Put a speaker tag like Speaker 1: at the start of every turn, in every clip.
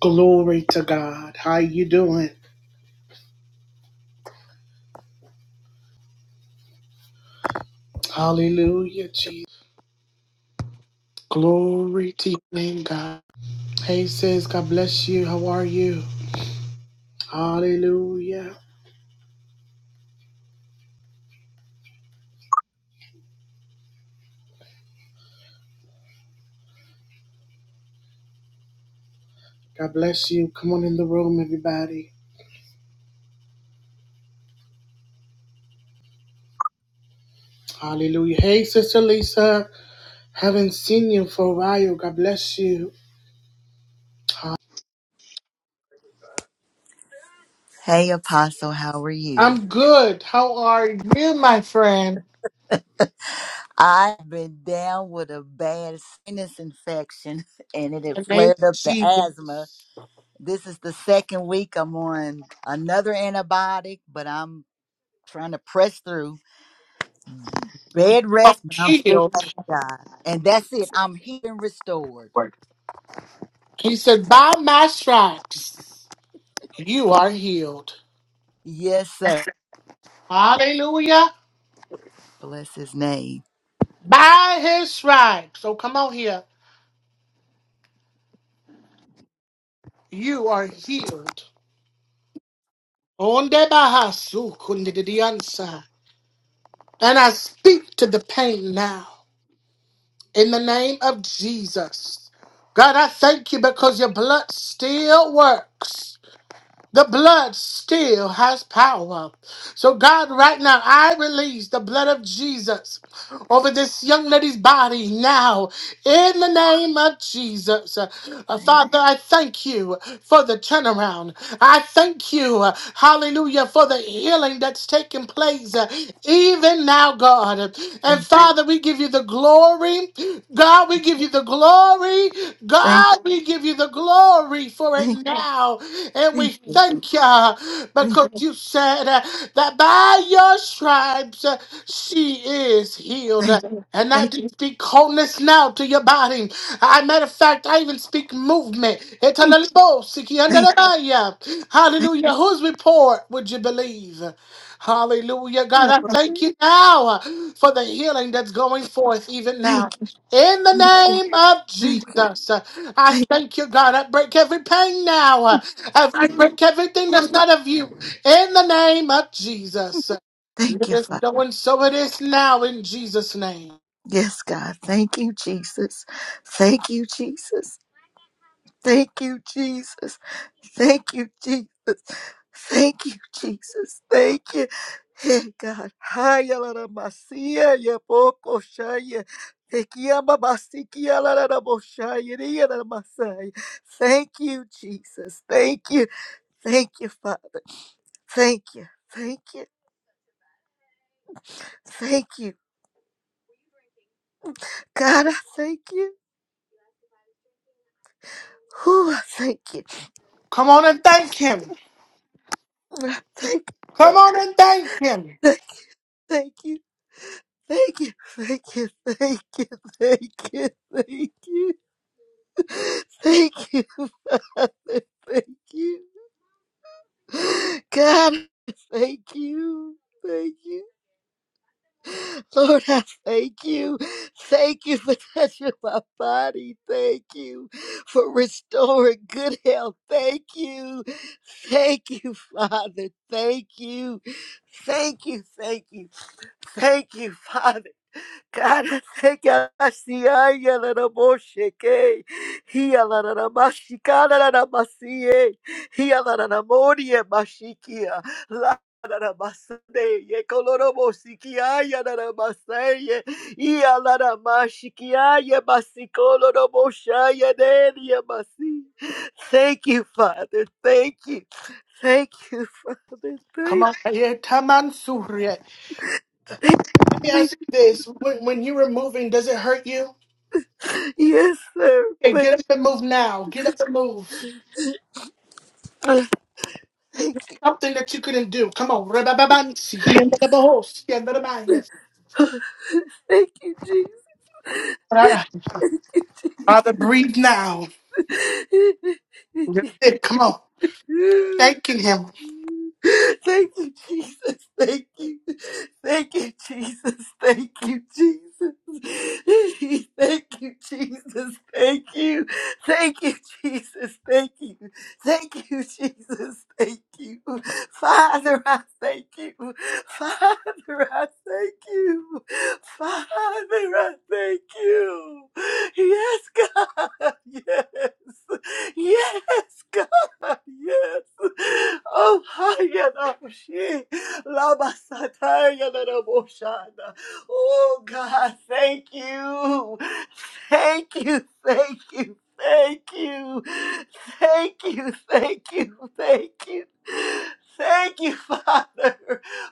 Speaker 1: Glory to God. How you doing? Hallelujah, Jesus. Glory to your name, God. Hey, sis, God bless you. How are you? Hallelujah. God bless you. Come on in the room, everybody. Hallelujah. Hey, Sister Lisa. Haven't seen you for a while. God bless you. Ha-
Speaker 2: Hey, Apostle, how are you?
Speaker 1: I'm good. How are you, my friend?
Speaker 2: I've been down with a bad sinus infection and it had
Speaker 1: In The name
Speaker 2: flared
Speaker 1: of
Speaker 2: up the
Speaker 1: Jesus.
Speaker 2: asthma. This is the second week I'm on another antibiotic, but I'm trying to press through. Bed
Speaker 1: I'm
Speaker 2: rest, but I'm still thanking
Speaker 1: healed.
Speaker 2: God. And that's it. I'm healed and restored.
Speaker 1: He said, by my stripes, you are healed.
Speaker 2: Yes, sir.
Speaker 1: Hallelujah.
Speaker 2: Bless his name.
Speaker 1: By his stripes. So come out here. You are healed. Onde bahasu kundidiansa. And I speak to the pain now. In the name of Jesus. God, I thank you because your blood still works. The blood still has power. So, God, right now, I release the blood of Jesus over this young lady's body now in the name of Jesus. Uh,
Speaker 2: Thank,
Speaker 1: Father, I thank you for the turnaround. I thank you, uh, hallelujah, for the healing that's taking place uh, even now, God. And
Speaker 2: thank,
Speaker 1: Father, we give you the glory. God, we give you the glory.
Speaker 2: thank,
Speaker 1: God, we give you the glory for it
Speaker 2: thank,
Speaker 1: now. And
Speaker 2: thank
Speaker 1: we
Speaker 2: you.
Speaker 1: thank you
Speaker 2: Thank,
Speaker 1: because you said uh, that by your stripes uh, she is healed.
Speaker 2: thank,
Speaker 1: And I
Speaker 2: thank,
Speaker 1: do speak wholeness now to your body. I matter of fact, I even speak movement.
Speaker 2: thank,
Speaker 1: Hallelujah. Whose report would you believe? Hallelujah. God, I thank you now for the healing that's going forth even
Speaker 2: thank, thank you.
Speaker 1: now. In the
Speaker 2: Thank you.
Speaker 1: name of
Speaker 2: Thank you.
Speaker 1: Jesus, uh, I
Speaker 2: Thank,
Speaker 1: thank you, God. I break every pain now. uh, I I break everything that's not of you. In the name of Jesus. And
Speaker 2: thank
Speaker 1: it
Speaker 2: you,
Speaker 1: is
Speaker 2: Father.
Speaker 1: so and so it is now in Jesus' name.
Speaker 2: Yes, God. Thank you, Jesus. Thank you, Jesus. Thank you, Jesus. Thank you, Jesus. Thank you, Jesus. Thank you. Hey, God. Haya la la masia ya poco shaya. Te quiama basiquia la la la boshaya ya la masaya. Thank you, Jesus. Thank you. Thank you, Father. Thank you. Thank you. Thank you. God, I thank you. Whew, thank you.
Speaker 1: Come on and thank him.
Speaker 2: Thank
Speaker 1: Come
Speaker 2: you.
Speaker 1: on and thank him.
Speaker 2: Thank, thank you, thank you, thank you, thank you, thank you, thank you, thank you, Father, thank you, God, thank you, thank you, Lord, I thank you, thank you for touching my body, thank you for restoring good health, thank you, thank you, Father, thank you, thank you, thank you. Thank you, Father. God, I thank you. I see I yell at a bullshit, eh? He yell at a mashi, God, at a masi, eh? He yell at a mori, eh, mashikia. La- at a masade, eh, koloro mosiki, yell at a masai, eh. He yell at a mashiki, I yell masi, koloro moshai, eh, eh, masi. Thank you, Father. Thank you. Thank you, Father.
Speaker 1: Come
Speaker 2: Thank,
Speaker 1: on. Yeah, Taman Surya.
Speaker 2: thank,
Speaker 1: Let me
Speaker 2: thank.
Speaker 1: ask you this. When, when you were moving, does it hurt you?
Speaker 2: Yes, sir.
Speaker 1: Okay,
Speaker 2: But
Speaker 1: get up and move now. Get up and move.
Speaker 2: uh, Thank you.
Speaker 1: Something that you couldn't do. Come on. Rababansi. He and the boss. He and the man. Yes.
Speaker 2: Thank you, Jesus. Thank
Speaker 1: Father, breathe now.
Speaker 2: you,
Speaker 1: That's it. Come on.
Speaker 2: Jesus.
Speaker 1: Thanking him.
Speaker 2: Thank you, Jesus. Thank you. Thank you, Jesus. Thank you, Jesus. Thank you, Jesus. Thank you. Thank you, Jesus. Thank you. Thank you, Jesus. Thank you. Father, I thank you. Father, I thank you. Father, I thank you. Yes, God. Yes. Yes, yes. Oh, Hayanashi. Lamasatayanaboshana. Oh, God, thank you. Thank you, thank you, thank you. Thank you, thank you, thank you. Thank you, Father.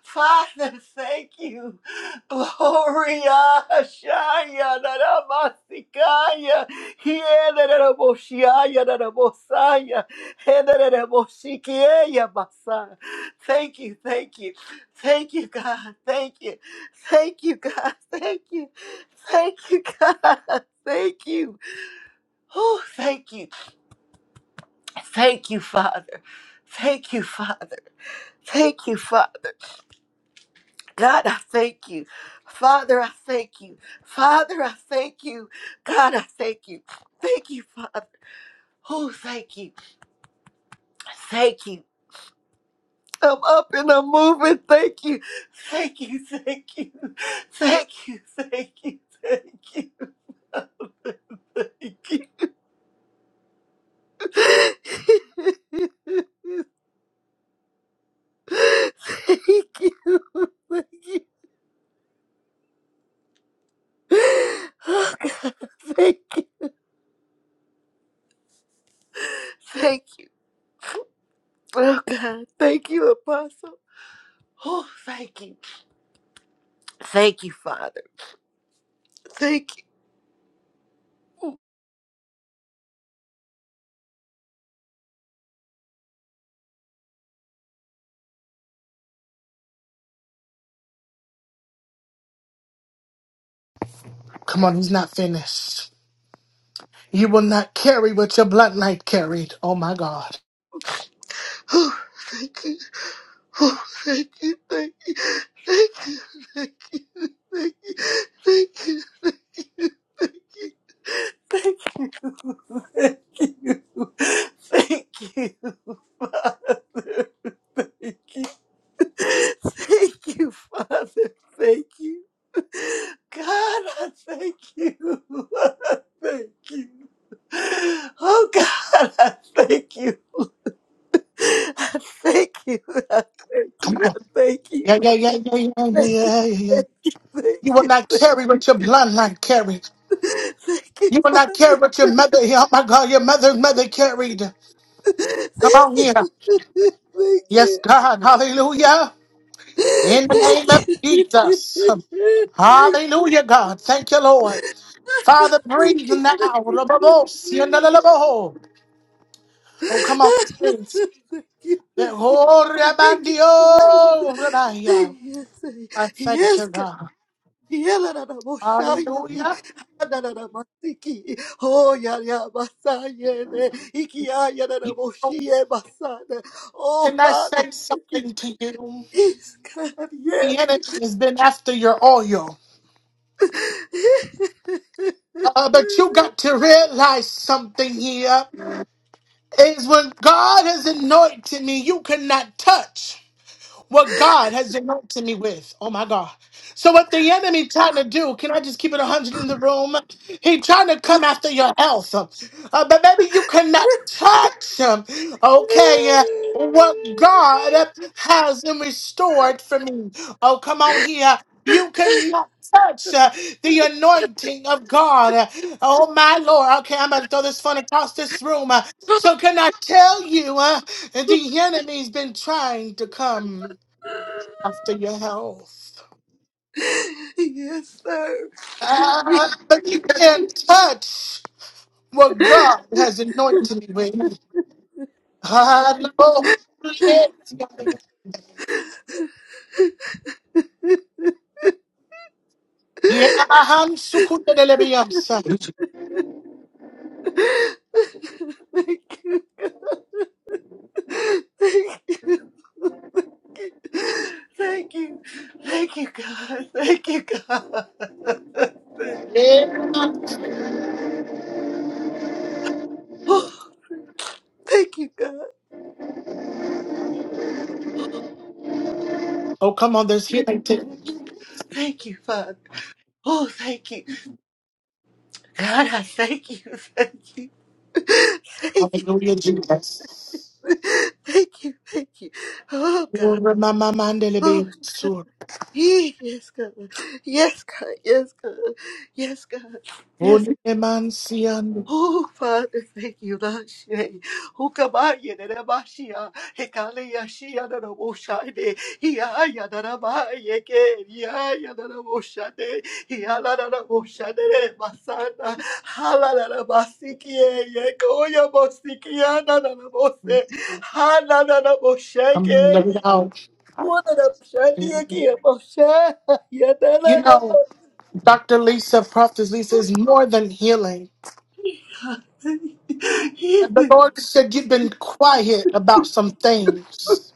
Speaker 2: Father, thank you. Gloria, Shaya, Narabasikaya, Hiena, Naraboshiaya, Narabosaya. Hedaraboshikieyabasa. Thank you, thank you, thank you, God, thank you, thank you, God, thank you, thank you, God, thank you. Oh, thank you, thank you, Father, thank you, Father, thank you, Father. God, I thank you. Father, I thank you. Father, I thank you. God, I thank you. Thank you, Father. Oh, thank you. Thank you. I'm up and I'm moving. Thank you. Thank you. Thank you. Thank you. Thank you. Thank you. Thank you. Thank you. Thank you. Oh God. Thank you. Thank you. Oh God. Thank you, Apostle. Oh, thank you. Thank you, Father. Thank you.
Speaker 1: Come on, he's not finished. You will not carry what your bloodline carried. Oh my God.
Speaker 2: Oh, thank you. Oh, thank you. Thank you. Thank you. Thank you. Thank you. Thank you. Thank you. Thank you, Father. Thank you. Thank you, Father. Thank you. God, I thank you. I Thank you. Oh, God, I thank you. I thank you. I thank
Speaker 1: Come
Speaker 2: you. I
Speaker 1: on.
Speaker 2: thank
Speaker 1: Yeah,
Speaker 2: you.
Speaker 1: yeah, yeah, yeah, yeah, yeah,
Speaker 2: Thank you.
Speaker 1: yeah, yeah. yeah.
Speaker 2: Thank
Speaker 1: You will
Speaker 2: you.
Speaker 1: not carry what your bloodline carried.
Speaker 2: Thank you,
Speaker 1: You will not carry what your
Speaker 2: Father.
Speaker 1: mother, yeah, oh my God, your mother's mother carried. Come on here.
Speaker 2: Thank you. Thank
Speaker 1: Yes,
Speaker 2: you.
Speaker 1: God. Hallelujah.
Speaker 2: Thank
Speaker 1: In the
Speaker 2: you.
Speaker 1: name of
Speaker 2: Thank you.
Speaker 1: Jesus.
Speaker 2: Thank
Speaker 1: Hallelujah, God. Thank you, Lord. Father, breathe
Speaker 2: you.
Speaker 1: now.
Speaker 2: Thank you. Thank you.
Speaker 1: Oh, come on, sing.
Speaker 2: Thank you.
Speaker 1: The
Speaker 2: Thank you,
Speaker 1: whole
Speaker 2: Thank you, Jesus.
Speaker 1: rebandio, rebaya.
Speaker 2: Thank you. Thank you.
Speaker 1: I thank you,
Speaker 2: Yes, God.
Speaker 1: God.
Speaker 2: Yelararaboshayami.
Speaker 1: Hallelujah.
Speaker 2: Hanararamasiki. Oh, yarabasayele.
Speaker 1: You know,
Speaker 2: Ikiyayararaboshiye basana. Oh,
Speaker 1: can I
Speaker 2: Father,
Speaker 1: say
Speaker 2: thank you.
Speaker 1: something to you?
Speaker 2: Yes, God,
Speaker 1: The
Speaker 2: yes.
Speaker 1: enemy has been after your oil. Uh, but you got to realize something here is when God has anointed me, you cannot touch. what God has anointed me with. Oh my God. So what the enemy trying to do, can I just keep it 100 in the room? He trying to come after your health. Uh, but maybe you cannot touch him. Okay. uh, what God has restored for me. Oh, come on here. You cannot touch uh, the anointing of God. Uh, oh, my Lord. Okay, I'm going to throw this phone across this room. Uh, so, can I tell you uh, the enemy's been trying to come? after your health.
Speaker 2: Yes, sir. Yeah.
Speaker 1: Ah, but you can't touch what God has anointed me with. Hallelujah. Yeah, I'm sukundelebiyamsa.
Speaker 2: Thank you. Thank you. Thank you. Thank you, God. Thank you, God. Thank
Speaker 1: Yeah.
Speaker 2: Oh, thank you, God.
Speaker 1: Oh, come on, there's healing too.
Speaker 2: Thank you, Father. Oh, thank you. God, I thank you. Thank you. Thank you.
Speaker 1: Hallelujah, Jesus.
Speaker 2: Thank you. Thank you. Oh, God. Oh,
Speaker 1: Uramamamandelebiyansur.
Speaker 2: yes, God. Yes, God. Yes, God. Yes, God. Yes,
Speaker 1: Unemansiyan.
Speaker 2: Oh, Father, thank you, Lord. Hukamaya na namashia, hekaleya shia na namoshane, hiaya na namaye ke, hiaya na namoshane, hiala na namoshane na namasana, hala na namasikie, yekoya mosikia na na namose, hala na namoshake,
Speaker 1: Come, let it out.
Speaker 2: wana na mshani yake ya mosha,
Speaker 1: You
Speaker 2: yadala na
Speaker 1: know, Dr. Lisa, Prophet Lisa, is more than healing. The Lord said, You've been quiet about some things.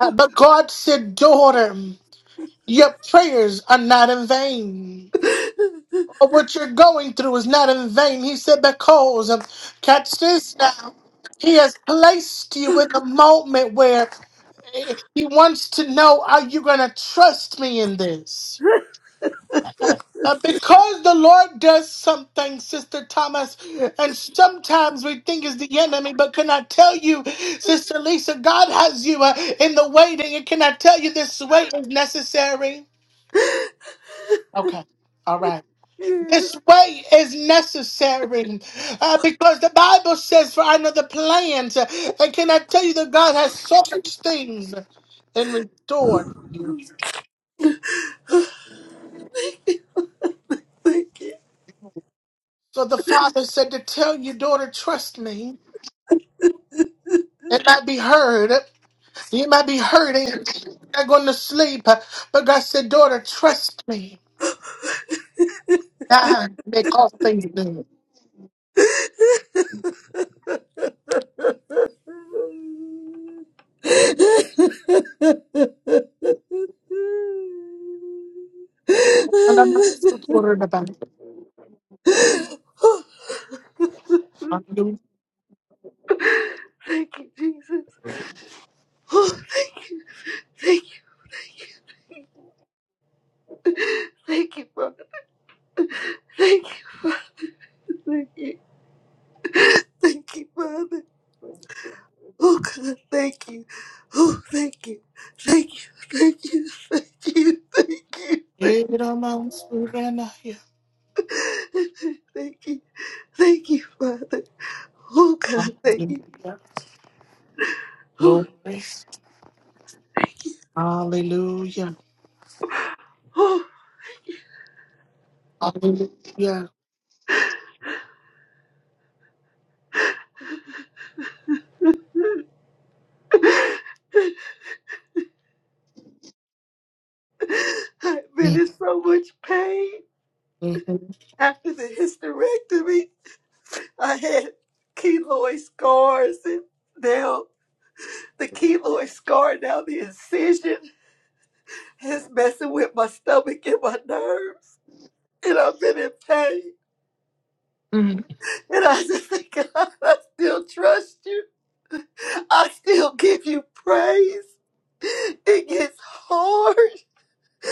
Speaker 1: Uh, But God said, Daughter, your prayers are not in vain.
Speaker 2: mosha.
Speaker 1: Or What you're going through is not in vain. He said, Because, um, catch this now, He has placed you in a moment where eh, He wants to know, Are you going to trust me in this? And because the Lord does something, Sister Thomas, and sometimes we think it's the enemy, but can I tell you, Sister Lisa, God has you uh, in the waiting, and can I tell you this wait is necessary? Okay, all right. This way is necessary uh, because the Bible says, For I know the plans. uh, And can I tell you that God has so much things in restored you?
Speaker 2: Thank you.
Speaker 1: So the Father said to tell you, daughter, trust me. It might be heard. You might be hurting. You're going to sleep. uh, But God said, daughter, trust me. I make all things new. And I'm not so worried about it.
Speaker 2: Oh,
Speaker 1: Hallelujah.
Speaker 2: Thank you, Jesus. Oh, thank you, thank you, Father. Thank you, thank you, thank you, Father. Oh, God, thank you. Oh, thank you, thank you, thank you, thank you, thank you,
Speaker 1: It amounts to an idea.
Speaker 2: thank you, thank you, thank you, Father. Oh, God, thank you.
Speaker 1: Hallelujah.
Speaker 2: Oh,
Speaker 1: Glory.
Speaker 2: thank you.
Speaker 1: Hallelujah. Hallelujah.
Speaker 2: Oh. I've
Speaker 1: Mm-hmm.
Speaker 2: been in so much pain
Speaker 1: Mm-hmm.
Speaker 2: after the hysterectomy. I had keloid scars, and now the keloid scar, now the incision is messing with my stomach and my nerves. And I've been in pain. And I just think, God, I still trust you. I still give you praise. It gets hard,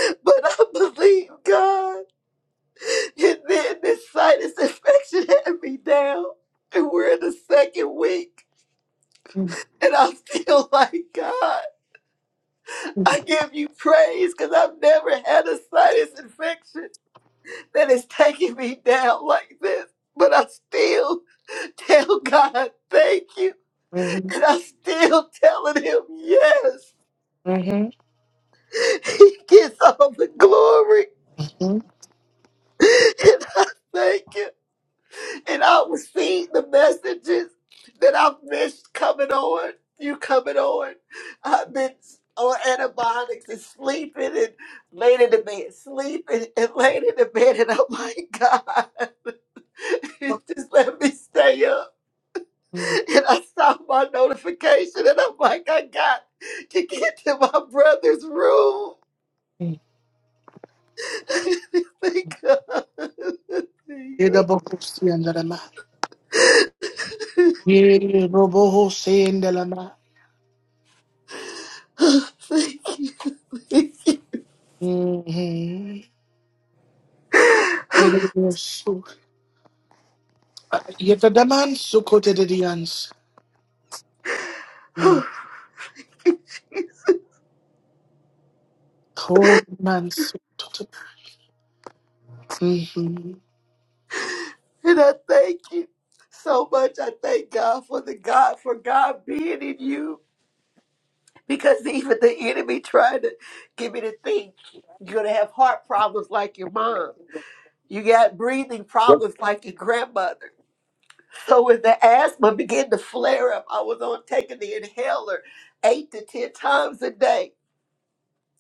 Speaker 2: but I believe God. And then this sinus infection had me down, and we're in the second week. And I'm still like, God, I give you praise because I've never had a sinus infection that is taking me down like this. But I still tell God, thank you. And I'm still telling him, yes.
Speaker 1: Mm-hmm.
Speaker 2: He gets all the glory.
Speaker 1: Mm-hmm.
Speaker 2: And I thank you. and I was seeing the messages that I've missed coming on. You coming on? I've been on antibiotics and sleeping and laying in the bed, sleeping and laying in the bed, and I'm like, God, just let me stay up.
Speaker 1: Mm-hmm.
Speaker 2: And I saw my notification, and I'm like, I got to get to my brother's room. Thank God.
Speaker 1: Yere
Speaker 2: Thank
Speaker 1: bobo hosende la ma. Yede robo ho si andala ma.
Speaker 2: you. Thank
Speaker 1: Mhm.
Speaker 2: you.
Speaker 1: Yere bobo Yevadaman sukotidians.
Speaker 2: and
Speaker 1: Cold man. Mm-hmm.
Speaker 2: I thank you so much. I thank God for the God for God being in you because even the enemy tried to get me to think you're gonna have heart problems like your mom. You got breathing problems like your grandmother. So when the asthma began to flare up, I was on taking the inhaler eight to ten times a day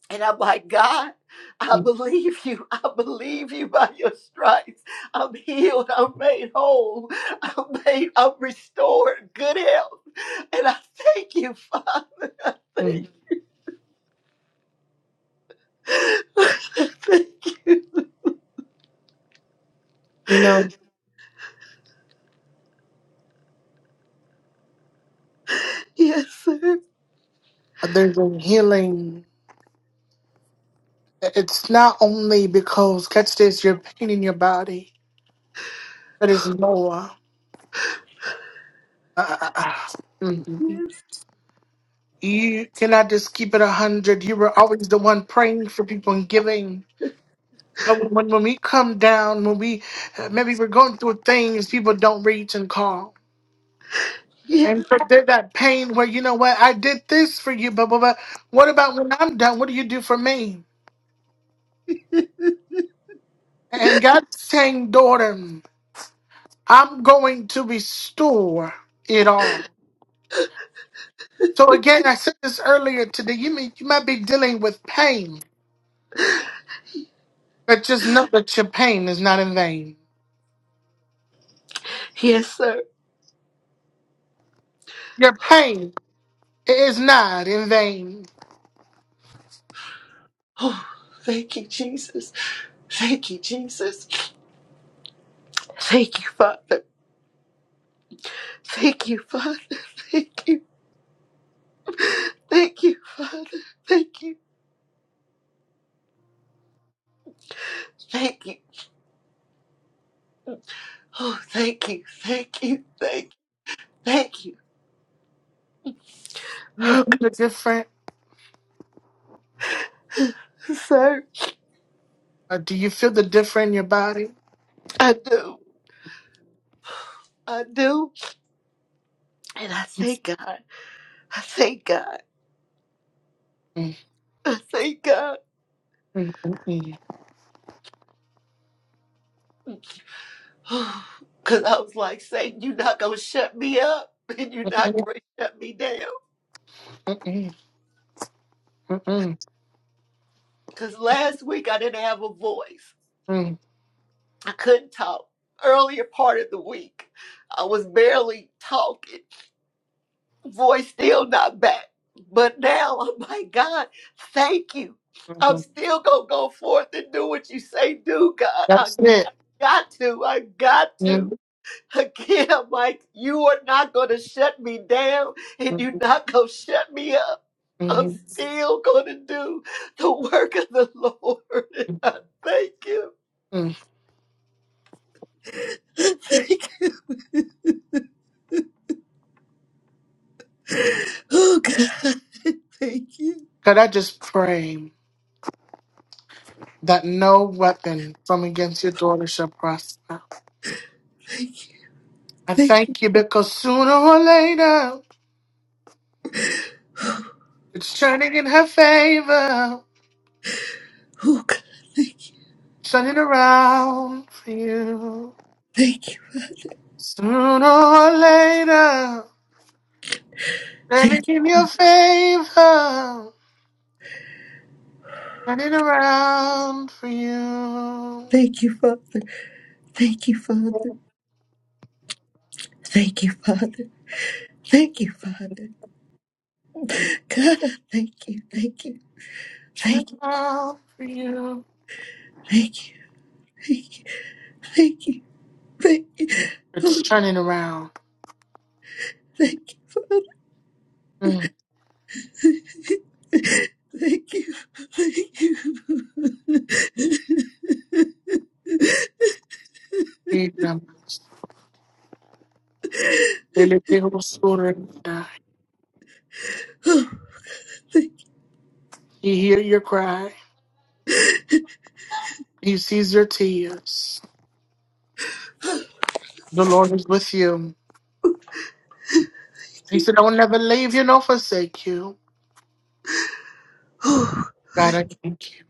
Speaker 2: And I'm like, God, I believe you. I believe you by your stripes. I'm healed. I'm made whole. I'm made, I'm restored, good health. And I thank you, Father. Thank
Speaker 1: Mhm.
Speaker 2: you. Thank
Speaker 1: You
Speaker 2: you.
Speaker 1: know,
Speaker 2: yes, sir.
Speaker 1: there's a healing. It's not only because, catch this, you're pain in your body, but it's more. Uh, Mhm.
Speaker 2: Yes.
Speaker 1: You cannot just keep it a hundred. You were always the one praying for people and giving. But when, when we come down, when we uh, maybe we're going through things, people don't reach and call.
Speaker 2: Yes,
Speaker 1: And so there's that pain where you know what I did this for you, but, but but what about when I'm done? What do you do for me? And God's saying, daughter, I'm going to restore it all. So again, I said this earlier today. You may you might be dealing with pain, but just know that your pain is not in vain.
Speaker 2: yes sir.
Speaker 1: Your pain is not in vain.
Speaker 2: Oh, thank you, Jesus. Thank you, Jesus. Thank you, Father. Thank you, Father. Thank you. Thank you, Father. Thank you. Thank you. Oh, thank you, thank you, thank you, thank you.
Speaker 1: You
Speaker 2: Oh,
Speaker 1: feel the different.
Speaker 2: God, sir,
Speaker 1: Uh, do you feel the different in your body?
Speaker 2: I do, I do, and I thank God, I thank God,
Speaker 1: Mm,
Speaker 2: I thank God.
Speaker 1: mm, mm, mm,
Speaker 2: Oh, Cause I was like, Satan, you're not gonna shut me up, and you're
Speaker 1: mm,
Speaker 2: not
Speaker 1: mm,
Speaker 2: gonna shut me down.
Speaker 1: mm, mm, mm, mm.
Speaker 2: Cause last week I didn't have a voice,
Speaker 1: mm,
Speaker 2: I couldn't talk. Earlier part of the week, I was barely talking. voice still not back. But now I'm like, God, thank you.
Speaker 1: mm,
Speaker 2: I'm still gonna go forth and do what you say do, God. I
Speaker 1: That's it.
Speaker 2: got to, I got to. Again, I'm like, you are not gonna shut me down and you're not gonna shut me up. I'm
Speaker 1: Mm-hmm.
Speaker 2: still gonna do the work of the Lord. I thank you. Thank you. Oh God, thank you.
Speaker 1: Could I just pray that no weapon from against your daughter shall prosper?
Speaker 2: Thank you.
Speaker 1: I
Speaker 2: Thank you.
Speaker 1: thank you because sooner or later it's turning in her favor,
Speaker 2: Oh God, thank you.
Speaker 1: turning around for you.
Speaker 2: Thank you.
Speaker 1: Sooner or later, turning
Speaker 2: Thank,
Speaker 1: in your favor, turning around for you.
Speaker 2: thank you, Father. Thank you, Father. Thank you, Father. Thank you, Father. God, I thank you, thank you,
Speaker 1: Turning
Speaker 2: thank
Speaker 1: around for you.
Speaker 2: you, thank you, thank you, thank you, thank you.
Speaker 1: It's
Speaker 2: Oh,
Speaker 1: turning around.
Speaker 2: thank you, Father.
Speaker 1: Mm-hmm.
Speaker 2: Thank you, thank you.
Speaker 1: He
Speaker 2: Oh, thank
Speaker 1: hear your cry.
Speaker 2: you,
Speaker 1: He sees your tears. The Lord is with you. He said, I will never leave you nor forsake you.
Speaker 2: Oh,
Speaker 1: God, I thank you.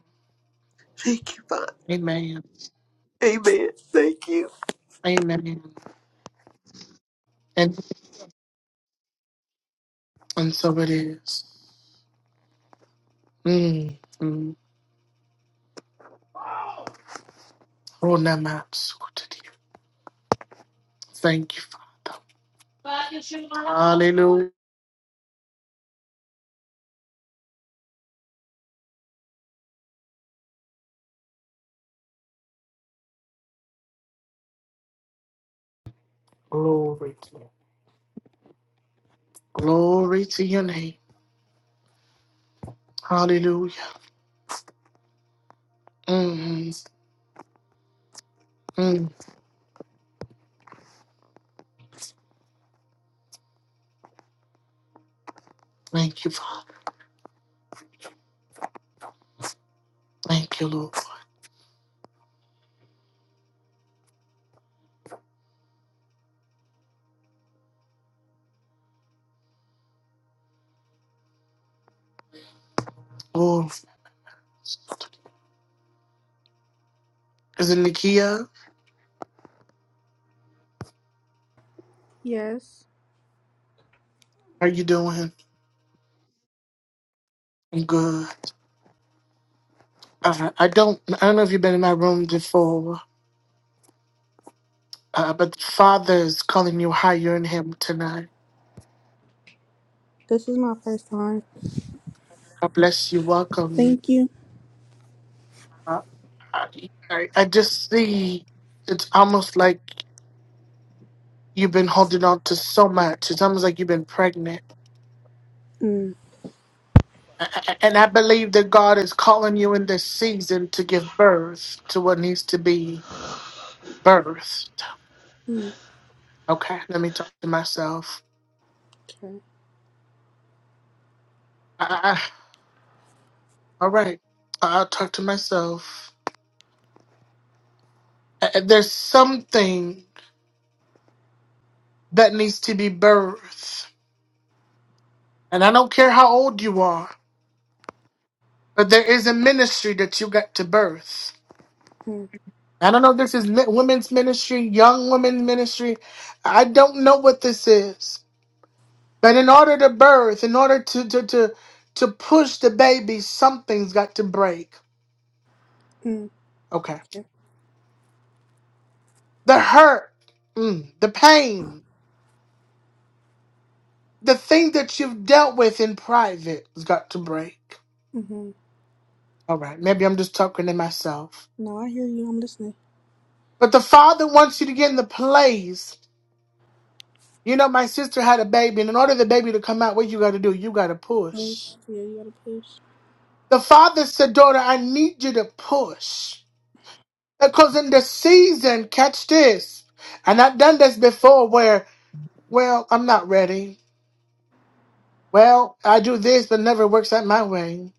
Speaker 2: thank you, Father.
Speaker 1: Amen.
Speaker 2: Amen. Thank you.
Speaker 1: Amen. And and so it is. Mm, mm. Oh, no, my soul to thee. Thank you, Father. Hallelujah. Glory to you. Glory to your name. Hallelujah. Mm, mm. Thank you, Father. Thank you, Lord. Is it Nikia?
Speaker 3: Yes.
Speaker 1: How you doing? I'm good. Uh, I don't. I don't know if you've been in my room before, uh, but Father is calling you higher in Him tonight.
Speaker 3: This is my first time.
Speaker 1: God bless you. Welcome.
Speaker 3: Thank you.
Speaker 1: Uh, I, I I just see. It's almost like you've been holding on to so much. It's almost like you've been pregnant.
Speaker 3: Mm,
Speaker 1: A- a- And I believe that God is calling you in this season to give birth to what needs to be birthed.
Speaker 3: mm,
Speaker 1: Okay, let me talk to myself.
Speaker 3: okay.
Speaker 1: All right. I- I'll talk to myself. Uh, uh, There's something that needs to be birthed. And I don't care how old you are, but there is a ministry that you got to birth.
Speaker 3: Mm,
Speaker 1: I don't know if this is mi- women's ministry, young women's ministry. I don't know what this is. But in order to birth, in order to to to, to push the baby, something's got to break.
Speaker 3: mm,
Speaker 1: Okay.
Speaker 3: okay.
Speaker 1: The hurt, mm, the pain, the thing that you've dealt with in private has got to break.
Speaker 3: Mm-hmm.
Speaker 1: All right, maybe I'm just talking to myself.
Speaker 3: No, I hear you. I'm listening.
Speaker 1: But the Father wants you to get in the place. You know, my sister had a baby, and in order for the baby to come out, what you got to do? You got to
Speaker 3: Push.
Speaker 1: push.
Speaker 3: Yeah, you gotta push.
Speaker 1: The Father said, Daughter, I need you to push. Because in the season, catch this. And I've done this before where, well, I'm not ready. Well, I do this, but never works out my way.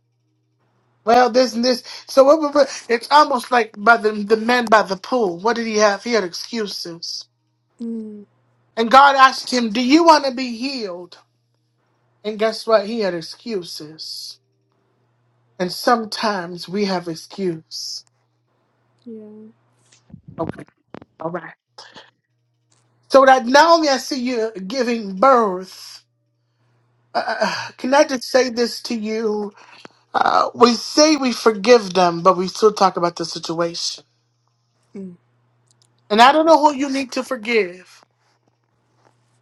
Speaker 1: Well, this and this. So it- it- it's almost like by the, the man by the pool. What did he have? He had excuses.
Speaker 3: Mm,
Speaker 1: And God asked him, Do you want to be healed? And guess what? He had excuses. And sometimes we have excuse.
Speaker 3: yeah.
Speaker 1: Okay. All right. So that Naomi, I see you giving birth. Uh, uh, can I just say this to you? Uh, we say we forgive them, but we still talk about the situation.
Speaker 3: Mm,
Speaker 1: And I
Speaker 3: okay.
Speaker 1: don't know who you need to forgive.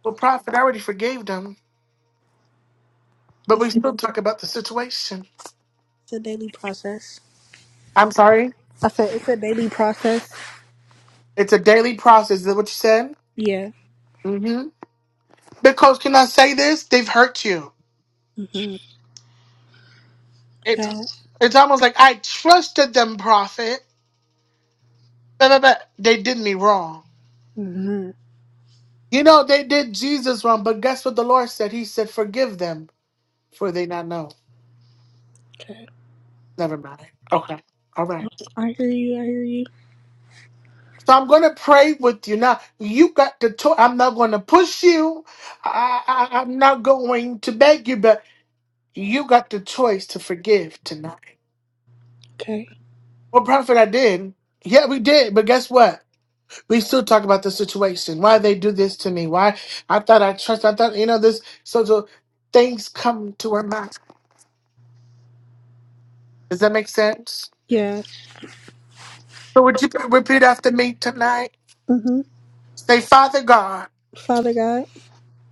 Speaker 1: Well, Prophet, I already forgave them, but
Speaker 3: It's
Speaker 1: we
Speaker 3: a,
Speaker 1: still talk about the situation.
Speaker 3: it's a daily process.
Speaker 1: I'm sorry.
Speaker 3: I said it's a daily process.
Speaker 1: It's a daily process. Is that what you said?
Speaker 3: Yeah.
Speaker 1: Mm-hmm. Because can I say this? They've hurt you.
Speaker 3: Mm-hmm.
Speaker 1: It's
Speaker 3: Bad.
Speaker 1: it's almost like I trusted them, prophet. But, but, but they did me wrong.
Speaker 3: Mm-hmm.
Speaker 1: You know, they did Jesus wrong, but guess what the Lord said? He said, Forgive them, for they not know.
Speaker 3: Okay.
Speaker 1: Never mind. Okay. All right.
Speaker 3: I hear you. I hear you.
Speaker 1: So I'm gonna pray with you now. You got to talk. I'm not gonna push you. I, I I'm not going to beg you, but you got the choice to forgive tonight.
Speaker 3: Okay.
Speaker 1: Well, prophet, I did. Yeah, we did. But guess what? We still talk about the situation. Why they do this to me? Why I thought I trust. I thought you know this. So, so things come to our mind. Does that make sense?
Speaker 3: Yeah.
Speaker 1: So would you p- repeat after me tonight?
Speaker 3: Mm-hmm.
Speaker 1: Say, Father God,
Speaker 3: Father God,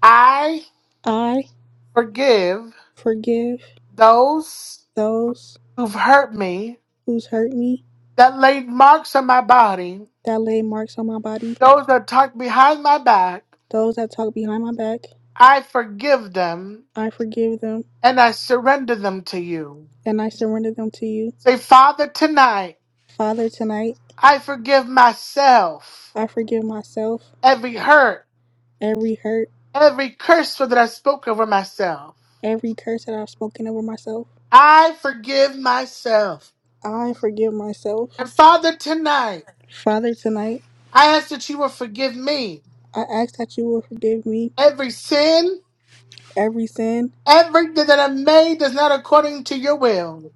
Speaker 1: I
Speaker 3: I
Speaker 1: forgive
Speaker 3: forgive
Speaker 1: those
Speaker 3: those
Speaker 1: who've hurt me,
Speaker 3: who's hurt me
Speaker 1: that laid marks on my body,
Speaker 3: that laid marks on my body
Speaker 1: those that talked behind my back.
Speaker 3: Those that talk behind my back,
Speaker 1: I forgive them
Speaker 3: I forgive them
Speaker 1: and I surrender them to you.
Speaker 3: and I surrender them to you.
Speaker 1: Say, Father, tonight
Speaker 3: Father, tonight,
Speaker 1: I forgive myself
Speaker 3: I forgive myself
Speaker 1: every hurt,
Speaker 3: every hurt,
Speaker 1: every curse that I spoke over myself.
Speaker 3: every curse that I've spoken over myself.
Speaker 1: I forgive myself.
Speaker 3: I forgive myself.
Speaker 1: And Father, tonight,
Speaker 3: Father, tonight,
Speaker 1: I ask that you will forgive me.
Speaker 3: I ask that you will forgive me
Speaker 1: Every sin,
Speaker 3: every sin.
Speaker 1: everything that I made that's not according to your will.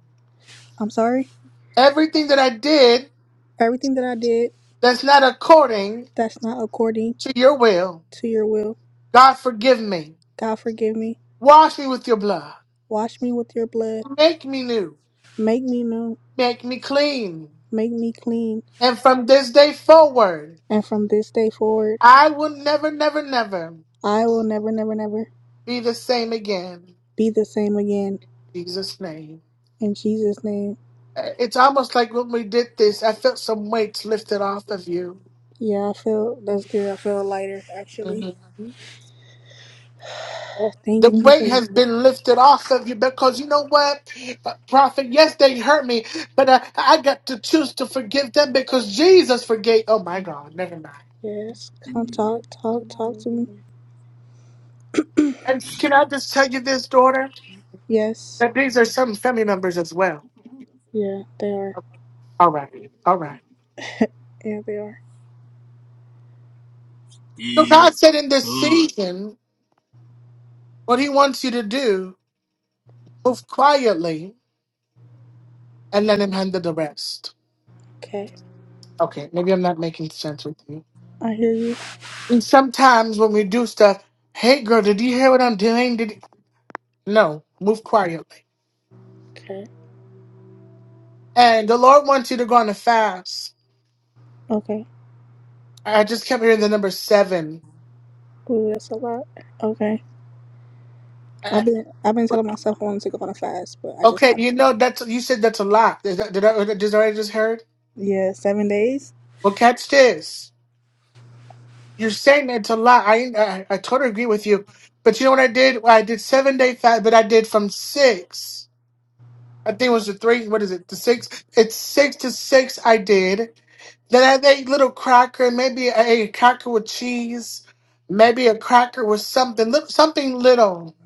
Speaker 3: I'm sorry.
Speaker 1: Everything that I did
Speaker 3: Everything that I did
Speaker 1: that's not according
Speaker 3: that's not according
Speaker 1: to your will.
Speaker 3: to your will.
Speaker 1: God, forgive me.
Speaker 3: God, forgive me.
Speaker 1: Wash me with your blood.
Speaker 3: Wash me with your blood.
Speaker 1: Make me new.
Speaker 3: Make me new.
Speaker 1: Make me clean.
Speaker 3: Make me clean.
Speaker 1: And from this day forward,
Speaker 3: And from this day forward,
Speaker 1: I will never, never, never
Speaker 3: I will never, never, never
Speaker 1: be the same again.
Speaker 3: be the same again.
Speaker 1: Jesus' name.
Speaker 3: In Jesus' name.
Speaker 1: Uh, It's almost like when we did this, I felt some weights lifted off of you.
Speaker 3: Yeah, I feel that's good. I feel lighter
Speaker 1: Mhm.
Speaker 3: actually.
Speaker 1: The
Speaker 3: Thank you for
Speaker 1: weight
Speaker 3: that.
Speaker 1: has been lifted off of you because you know what, Uh, Prophet? Yes, they hurt me, but I, I got to choose to forgive them because Jesus forgave. Oh my God, never mind.
Speaker 3: Yes. Come talk, talk, talk to me.
Speaker 1: And can I just tell you this, daughter?
Speaker 3: Yes.
Speaker 1: That these are some family members as well.
Speaker 3: Yeah, they are.
Speaker 1: All right, all right.
Speaker 3: Yeah, they are.
Speaker 1: So God said in this season, what He wants you to do, move quietly and let Him handle the rest.
Speaker 3: Okay.
Speaker 1: Okay, maybe I'm not making sense with you.
Speaker 3: I hear you.
Speaker 1: And sometimes when we do stuff, hey girl, did you hear what I'm doing? Did you-" no, move quietly.
Speaker 3: Okay.
Speaker 1: And the Lord wants you to go on a fast.
Speaker 3: Okay.
Speaker 1: I just kept hearing the number seven.
Speaker 3: Ooh, that's a lot. Okay.
Speaker 1: Uh,
Speaker 3: I've been I've been telling myself I want to go on a fast, but I just
Speaker 1: Okay,
Speaker 3: have
Speaker 1: you know that's you said that's a lot. Is that, did I did I just heard?
Speaker 3: yeah, seven days.
Speaker 1: Well, catch this. You're saying it's a lot. I, I I totally agree with you. But you know what I did? Well, I did seven day fast, but I did from six. I think it was the three. What is it? The six. It's six to six. I did. Then I make little cracker, maybe a, a cracker with cheese, maybe a cracker with something, lit- something little.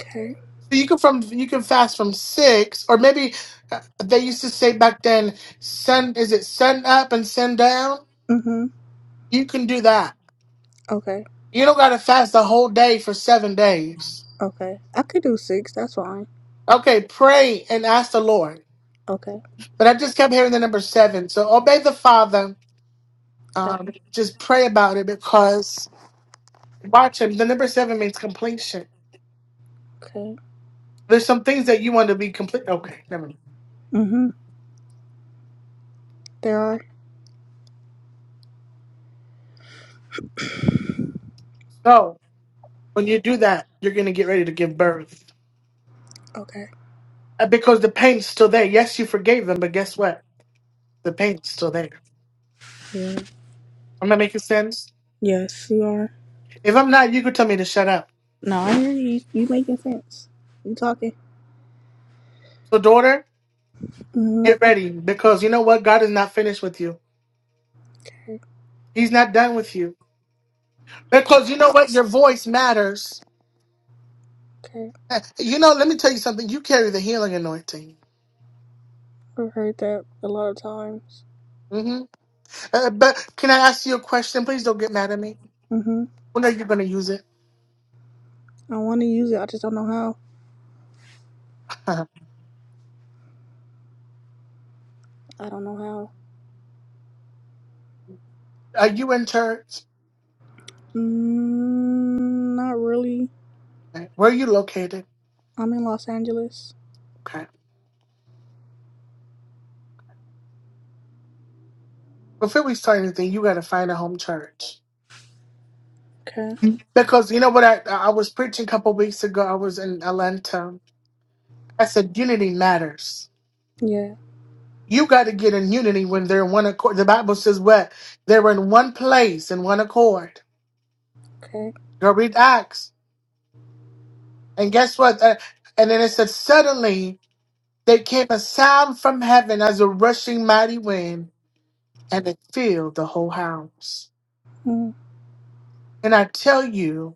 Speaker 3: Okay.
Speaker 1: So you can from you can fast from six, or maybe uh, they used to say back then, sun is it sun up and sun down.
Speaker 3: Mm-hmm.
Speaker 1: You can do that.
Speaker 3: Okay.
Speaker 1: You don't gotta fast the whole day for seven days.
Speaker 3: Okay. I could do six, that's fine.
Speaker 1: Okay, pray and ask the Lord.
Speaker 3: Okay.
Speaker 1: But I just kept hearing the number seven. So obey the Father.
Speaker 3: Okay.
Speaker 1: Um, just pray about it because watch him. The number seven means completion.
Speaker 3: Okay.
Speaker 1: There's some things that you want to be complete. Okay, never mind.
Speaker 3: Mm-hmm. There are.
Speaker 1: So when you do that, you're gonna get ready to give birth
Speaker 3: Okay.
Speaker 1: Uh, because the pain's still there. Yes, you forgave them, but guess what? The pain's still there.
Speaker 3: Yeah.
Speaker 1: Am I making sense?
Speaker 3: Yes, you are.
Speaker 1: If I'm not, you could tell me to shut up.
Speaker 3: No, I hear you. You making sense. You talking.
Speaker 1: So daughter,
Speaker 3: Mm-hmm.
Speaker 1: get ready because you know what? God is not finished with you.
Speaker 3: Okay.
Speaker 1: He's not done with you because you know what? Your voice matters.
Speaker 3: Okay.
Speaker 1: Uh, You know, let me tell you something. You carry the healing anointing.
Speaker 3: I've heard that a lot of times.
Speaker 1: hmm Uh, but can I ask you a question? Please don't get mad at me.
Speaker 3: Mm-hmm.
Speaker 1: When are you gonna use it?
Speaker 3: I want to use it. I just don't know how.
Speaker 1: Are
Speaker 3: I don't know how.
Speaker 1: you in church?
Speaker 3: Mm, not really.
Speaker 1: Okay. Where you located?
Speaker 3: I'm in Los Angeles.
Speaker 1: Okay. Before we start anything, you got to find a home church.
Speaker 3: Okay.
Speaker 1: Because you know what? I, I was preaching a couple weeks ago. I was in Atlanta. I said, unity matters.
Speaker 3: Yeah.
Speaker 1: You got to get in unity when they're in one accord. The Bible says what? They're in one place, in one accord.
Speaker 3: Okay.
Speaker 1: Go read Acts. And guess what? Uh, and then it said, suddenly there came a sound from heaven as a rushing mighty wind, and it filled the whole house.
Speaker 3: Mm,
Speaker 1: And I tell you,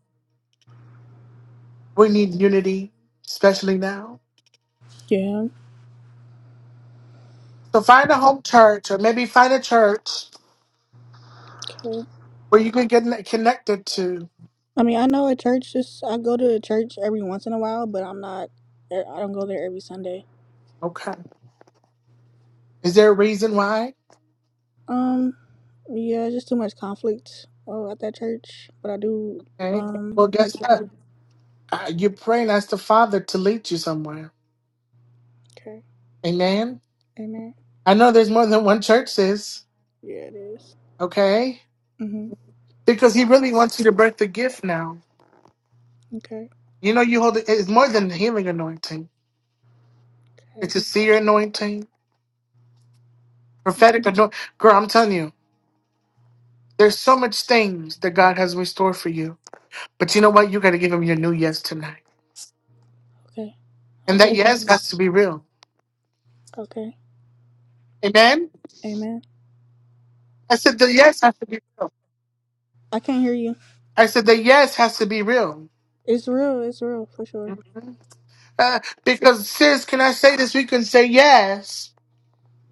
Speaker 1: We need unity, especially now.
Speaker 3: yeah.
Speaker 1: So find a home church or maybe find a church
Speaker 3: Okay.
Speaker 1: where you can get connected to.
Speaker 3: I mean, I know a church. Just I go to a church every once in a while, but I'm not. er, I don't go there every Sunday.
Speaker 1: Okay. Is there a reason why?
Speaker 3: Um. Yeah. Just too much conflict. Oh, at that church, but I do.
Speaker 1: Okay.
Speaker 3: Um.
Speaker 1: Well, guess
Speaker 3: Like the
Speaker 1: what?
Speaker 3: pastor.
Speaker 1: Uh, You're praying, ask the Father to lead you somewhere.
Speaker 3: Okay.
Speaker 1: Amen.
Speaker 3: Amen.
Speaker 1: I know there's more than one church, sis.
Speaker 3: Yeah, it is.
Speaker 1: Okay.
Speaker 3: Mm-hmm.
Speaker 1: Because He really wants you to birth the gift now.
Speaker 3: Okay.
Speaker 1: You know, you hold it, it's more than the healing anointing,
Speaker 3: Okay.
Speaker 1: it's a seer anointing, prophetic anointing. Girl, I'm telling you, there's so much things that God has restored for you But you know what? You got to give him your new yes tonight.
Speaker 3: Okay. I
Speaker 1: And that
Speaker 3: get it. now.
Speaker 1: yes has to be real.
Speaker 3: Okay.
Speaker 1: Amen?
Speaker 3: Amen.
Speaker 1: I said the yes has to be real.
Speaker 3: I can't hear you.
Speaker 1: I said the yes has to be real.
Speaker 3: It's real. It's real for sure.
Speaker 1: Uh, because, sis, can I say this? We can say yes,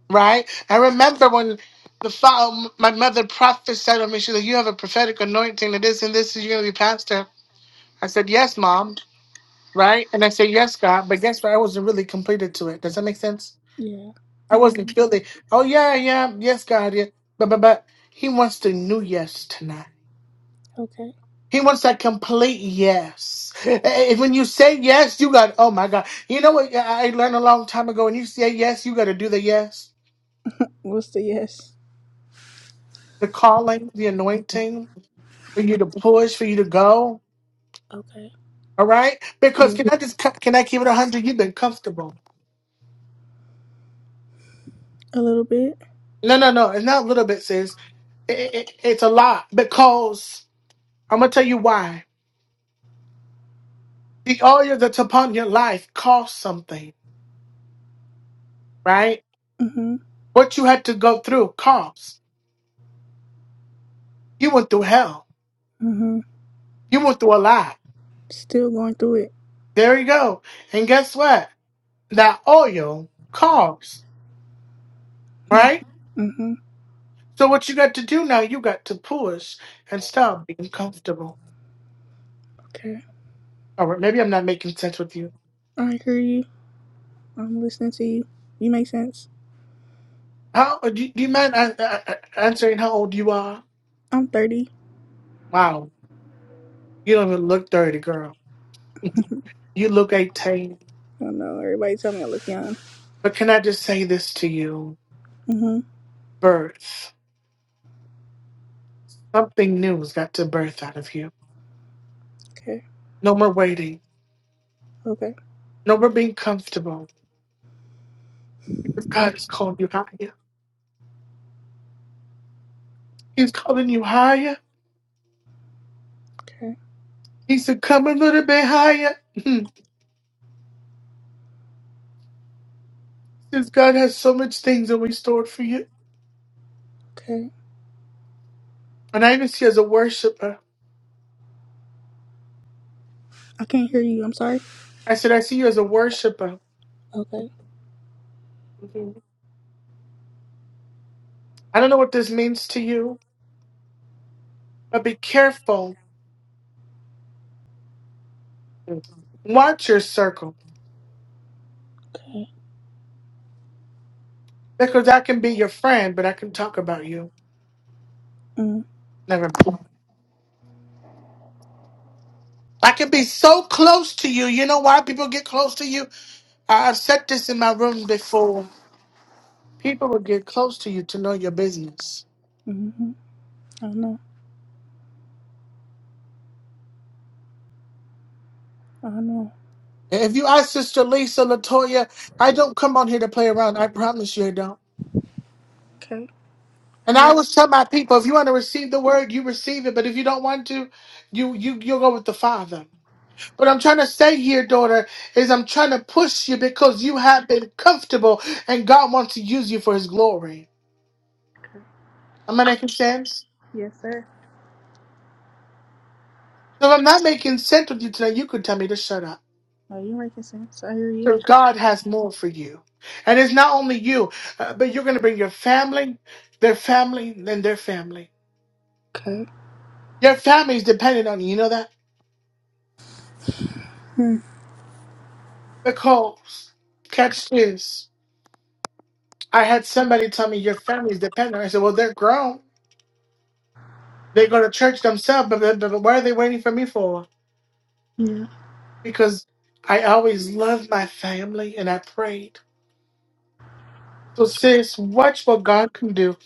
Speaker 1: right? I remember when the father, my mother prophesied on me, she said, You have a prophetic anointing and this and this, and you're going to be pastor. I said, Yes, mom, right? And I said, Yes, God. But guess what? I wasn't really completed to it. Does that make sense?
Speaker 3: Yeah. I
Speaker 1: I
Speaker 3: hear
Speaker 1: wasn't
Speaker 3: you.
Speaker 1: feeling. Oh yeah, yeah, yes, God, yeah. But but but he wants the new yes tonight.
Speaker 3: Okay.
Speaker 1: He wants that complete yes. And when you say yes, you got. Oh my God, you know what I I learned a long time ago. When you say yes, you got to do the yes,
Speaker 3: What's the yes?
Speaker 1: the calling, the anointing for you to push, for you to go.
Speaker 3: Okay.
Speaker 1: All right, because
Speaker 3: Yeah.
Speaker 1: can I just can I keep it a hundred? You've been comfortable.
Speaker 3: A little bit.
Speaker 1: No, no, no. It's not a little bit, sis. It, it, it's a lot because I'm gonna tell you why. The oil that's upon your life costs something, right?
Speaker 3: Mm-hmm.
Speaker 1: What you had to go through costs. You went through hell.
Speaker 3: Mm-hmm.
Speaker 1: You went through a lot.
Speaker 3: Still going through it.
Speaker 1: There you go. And guess what? That oil costs,
Speaker 3: Hmm.
Speaker 1: right?
Speaker 3: Mm-hmm.
Speaker 1: So what you got to do now, you got to push and stop being comfortable.
Speaker 3: Okay.
Speaker 1: All right, maybe I'm not making sense with you.
Speaker 3: I hear you. I'm listening to you. You make sense.
Speaker 1: How uh, do you, do you mind uh, uh, uh, answering how old you are?
Speaker 3: I'm 30.
Speaker 1: Wow, you don't even look 30, girl. You look 18.
Speaker 3: I don't know. Everybody tell me I look young.
Speaker 1: But can I just say this to you?
Speaker 3: Mm-hmm.
Speaker 1: Birth. Something new has got to birth out of you.
Speaker 3: Okay.
Speaker 1: No more waiting.
Speaker 3: Okay.
Speaker 1: No more being comfortable. Because God has called you higher. He's calling you higher.
Speaker 3: Okay.
Speaker 1: He said, come a little bit higher. Hmm. Since God has so much things that we stored for you.
Speaker 3: Okay.
Speaker 1: And I even see you as a worshiper.
Speaker 3: I can't hear you. I'm sorry.
Speaker 1: I said, I see you as a worshiper.
Speaker 3: Okay.
Speaker 1: Mhm. I don't know what this means to you, but be careful. Watch your circle.
Speaker 3: Okay.
Speaker 1: Because I can be your friend, but I can talk about you.
Speaker 3: Mm,
Speaker 1: Never. mind. I can be so close to you. You know why people get close to you? I have said this in my room before. People will get close to you to know your business.
Speaker 3: mm-hmm. I know. I know.
Speaker 1: And If you ask Sister Lisa Latoya, I don't come on here to play around. I promise you I don't.
Speaker 3: Okay.
Speaker 1: And
Speaker 3: I
Speaker 1: I
Speaker 3: hear you.
Speaker 1: always tell my people, if you want to receive the word, you receive it. But if you don't want to, you you you'll go with the Father. What I'm trying to say here, daughter, is I'm trying to push you because you have been comfortable and God wants to use you for his glory.
Speaker 3: Okay.
Speaker 1: Am I making sense?
Speaker 3: Yes, sir.
Speaker 1: So if I'm not making sense with you tonight, you could tell me to shut up.
Speaker 3: Are you making sense? I hear you.
Speaker 1: because God has more for you. And it's not only you, uh, but you're going to bring your family, their family, and their family.
Speaker 3: Okay.
Speaker 1: Your family is dependent on you. You know that?
Speaker 3: Hmm.
Speaker 1: Because, catch this. I had somebody tell me your family is dependent. I said, well, they're grown. They go to church themselves, but, but, but what are they waiting for me for?
Speaker 3: Yeah.
Speaker 1: Because I always loved my family and I prayed. So, sis, watch what God can do.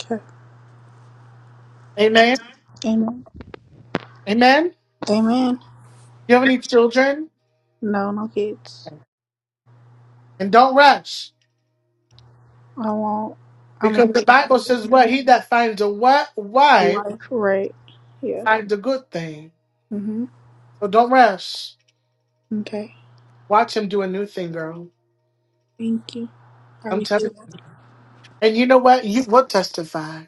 Speaker 3: Okay.
Speaker 1: Amen.
Speaker 3: Amen.
Speaker 1: Amen.
Speaker 3: Amen.
Speaker 1: You have any children?
Speaker 3: No, no kids.
Speaker 1: And don't rush.
Speaker 3: I won't. I
Speaker 1: Because
Speaker 3: mean,
Speaker 1: the Bible says, "What he that finds a wi- wife
Speaker 3: wife, right? Yeah.
Speaker 1: finds a good thing."
Speaker 3: Mm-hmm.
Speaker 1: So don't rush.
Speaker 3: Okay.
Speaker 1: Watch him do a new thing, girl.
Speaker 3: Thank you. I
Speaker 1: I'm
Speaker 3: receive
Speaker 1: telling. you.
Speaker 3: it.
Speaker 1: And you know what? You will testify.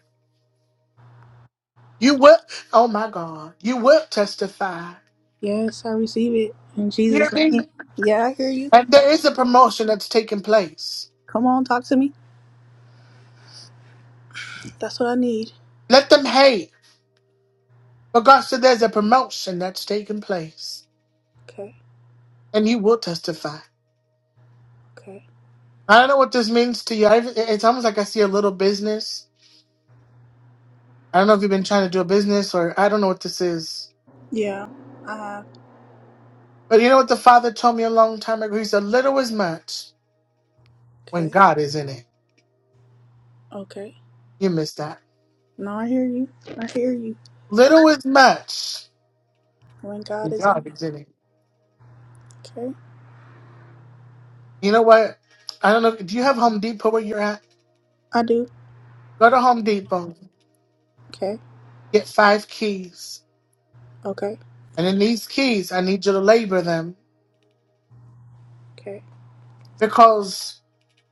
Speaker 1: You will. Oh my God. You will testify.
Speaker 3: Yes, I receive it. In
Speaker 1: You hear
Speaker 3: Jesus'
Speaker 1: me?
Speaker 3: name. Yeah, I hear you.
Speaker 1: And there is a promotion that's taking place.
Speaker 3: Come on, talk to me. That's what I need.
Speaker 1: Let them hate, but God said there's a promotion that's taking place,
Speaker 3: Okay.
Speaker 1: and you will testify.
Speaker 3: Okay.
Speaker 1: I don't know what this means to you. I, it's almost like I see a little business. I don't know if you've been trying to do a business, or I don't know what this is
Speaker 3: Yeah. Uh,
Speaker 1: But you know what the father told me a long time ago? He said, Little is much when
Speaker 3: okay.
Speaker 1: God is in it.
Speaker 3: Okay.
Speaker 1: You missed that.
Speaker 3: No, I hear you. I hear you.
Speaker 1: Little is much
Speaker 3: When
Speaker 1: when
Speaker 3: God is in
Speaker 1: God is in it.
Speaker 3: it. Okay.
Speaker 1: You know what? I don't know. Do you have Home Depot where you're at?
Speaker 3: I do.
Speaker 1: Go to Home Depot,
Speaker 3: Okay.
Speaker 1: get five keys.
Speaker 3: Okay.
Speaker 1: And in these keys, I need you to labor them
Speaker 3: Okay.
Speaker 1: because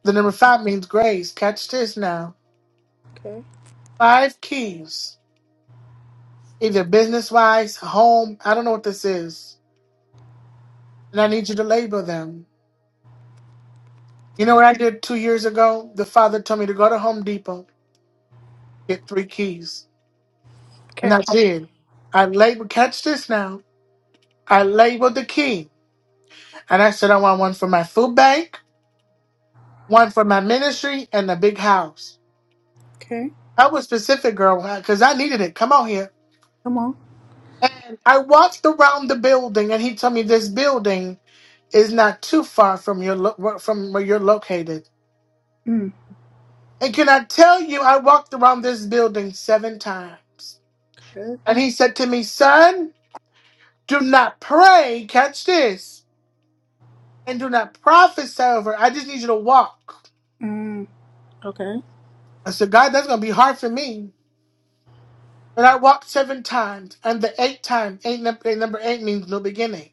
Speaker 1: the number five means grace. Catch this now.
Speaker 3: Okay.
Speaker 1: Five keys, either business wise, home, I don't know what this is. And I need you to labor them. You know
Speaker 3: Okay.
Speaker 1: what I did two years ago? The father told me to go to Home Depot, get three keys. And
Speaker 3: Okay.
Speaker 1: I did. I labeled, catch this now. I labeled the key. And I said, I want one for my food bank, one for my ministry, and the big house.
Speaker 3: Okay.
Speaker 1: I was specific, girl, because I needed it. Come on here.
Speaker 3: Come on.
Speaker 1: And I walked around the building, and he told me this building is not too far from your lo- from where you're located.
Speaker 3: Mm.
Speaker 1: And can I tell you, I walked around this building seven times.
Speaker 3: Good.
Speaker 1: And he said to me, son, Do not pray, catch this, and do not prophesy over. it. I just need you to walk.
Speaker 3: Mm. Okay.
Speaker 1: I said, God, that's gonna be hard for me. But I walked seven times, and the eighth time, eight num- eight- number eight means new beginning.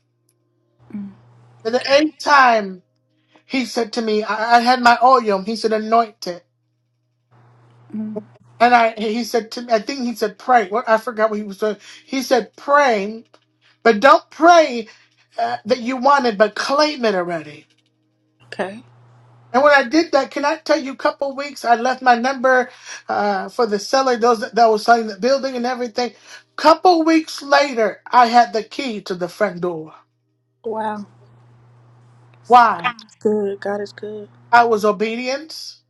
Speaker 1: And the eighth time, he said to me, I, I had my oil. He said, anoint it.
Speaker 3: Mm.
Speaker 1: And I, he said to me, I think he said pray. What I forgot what he was doing. He said pray, but don't pray uh, that you want it, but claim it already.
Speaker 3: Okay.
Speaker 1: And when I did that, can I tell you, a couple weeks, I left my number uh, for the seller, those that, that was selling the building and everything. Couple weeks later, I had the key to the front door.
Speaker 3: Wow.
Speaker 1: Why?
Speaker 3: Good. God is good.
Speaker 1: I was obedience.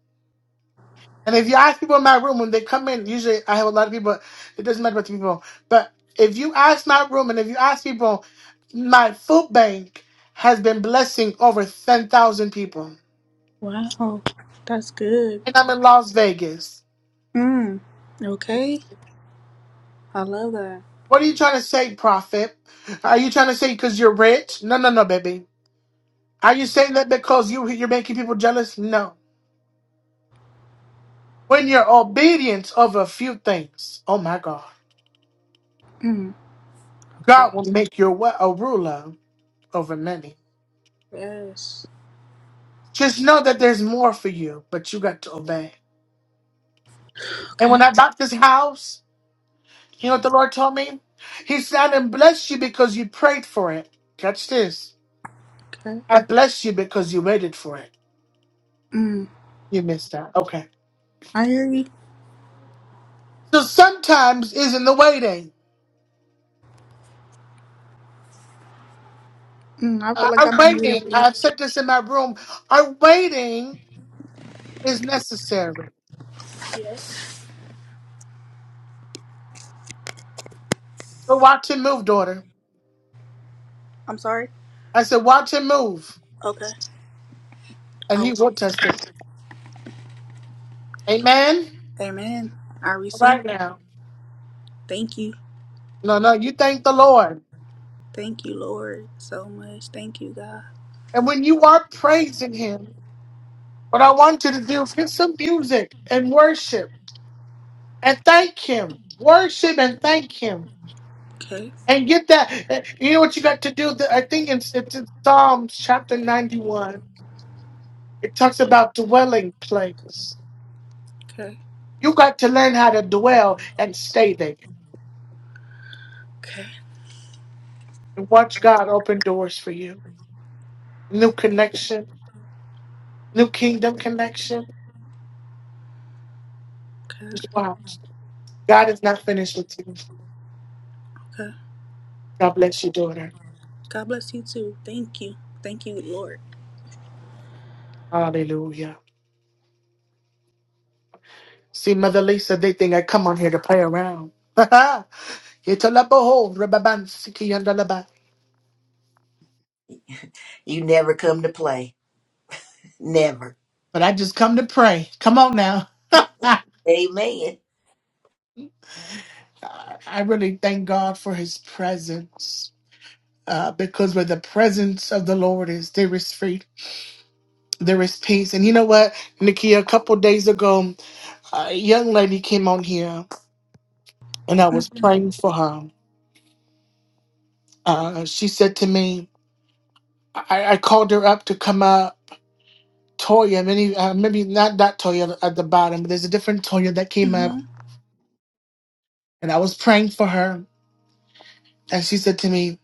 Speaker 1: And if you ask people in my room when they come in, usually I have a lot of people. It doesn't matter about the people, but if you ask my room and if you ask people, my food bank has been blessing over ten thousand people,
Speaker 3: Wow. That's good.
Speaker 1: and I'm in Las Vegas.
Speaker 3: Mm. Okay. I love that.
Speaker 1: What are you trying to say, prophet? Are you trying to say because you're rich? No, no, no, baby. Are you saying that because you you're making people jealous? No. When you're obedient of a few things, oh my God,
Speaker 3: Mm. Okay.
Speaker 1: God will make you wa- a ruler over many.
Speaker 3: Yes.
Speaker 1: Just know that there's more for you, but you got to obey. And when
Speaker 3: Okay.
Speaker 1: I bought this house, you know what the Lord told me? He said, "I didn't bless you because you prayed for it." Catch this.
Speaker 3: Okay.
Speaker 1: I bless you because you waited for it.
Speaker 3: Mm.
Speaker 1: You missed that. Okay.
Speaker 3: I hear you.
Speaker 1: So sometimes is in the waiting.
Speaker 3: Mm. I feel like
Speaker 1: Our
Speaker 3: I'm waiting
Speaker 1: waiting,
Speaker 3: for you.
Speaker 1: I've said this in my room, our waiting is necessary.
Speaker 3: Yes.
Speaker 1: So watch him move, daughter.
Speaker 3: I'm sorry.
Speaker 1: I said, watch him move,
Speaker 3: Okay. I
Speaker 1: and
Speaker 3: will.
Speaker 1: he will testify. Amen?
Speaker 3: Amen. I receive.
Speaker 1: Right
Speaker 3: it.
Speaker 1: now.
Speaker 3: Thank you.
Speaker 1: No, no, you thank the Lord.
Speaker 3: Thank you, Lord, so much. Thank you, God.
Speaker 1: And when you are praising him, what I want you to do is get some music and worship and thank him. Worship and thank him.
Speaker 3: Okay,
Speaker 1: And get that. Eh, You know what you got to do? The- I think it's, it's in Psalms chapter 91. It talks about dwelling place.
Speaker 3: okay,
Speaker 1: You got to learn how to dwell and stay there
Speaker 3: okay,
Speaker 1: and watch God open doors for you. New connection, new kingdom connection.
Speaker 3: okay,
Speaker 1: Just watch. God is not finished with you.
Speaker 3: okay.
Speaker 1: God bless you, daughter.
Speaker 3: God bless you too. Thank you. Thank you, Lord.
Speaker 1: Hallelujah. See, Mother Lisa, they think I come on here to play around. Yetalaboho, rababansiki, yandalaba.
Speaker 2: You never come to play. Never.
Speaker 1: but I just come to pray. Come on now.
Speaker 2: Amen.
Speaker 1: I really thank God for his presence uh, because where the presence of the Lord is, there is freedom. There is peace. And you know what, Nikki, a couple days ago, a young lady came on here and I was praying for her. Uh, she said to me, I, I called her up to come up. Toya, many, uh, maybe not that Toya at the bottom, but there's a different Toya that came
Speaker 3: Mm-hmm.
Speaker 1: up and I was praying for her. And she said to me,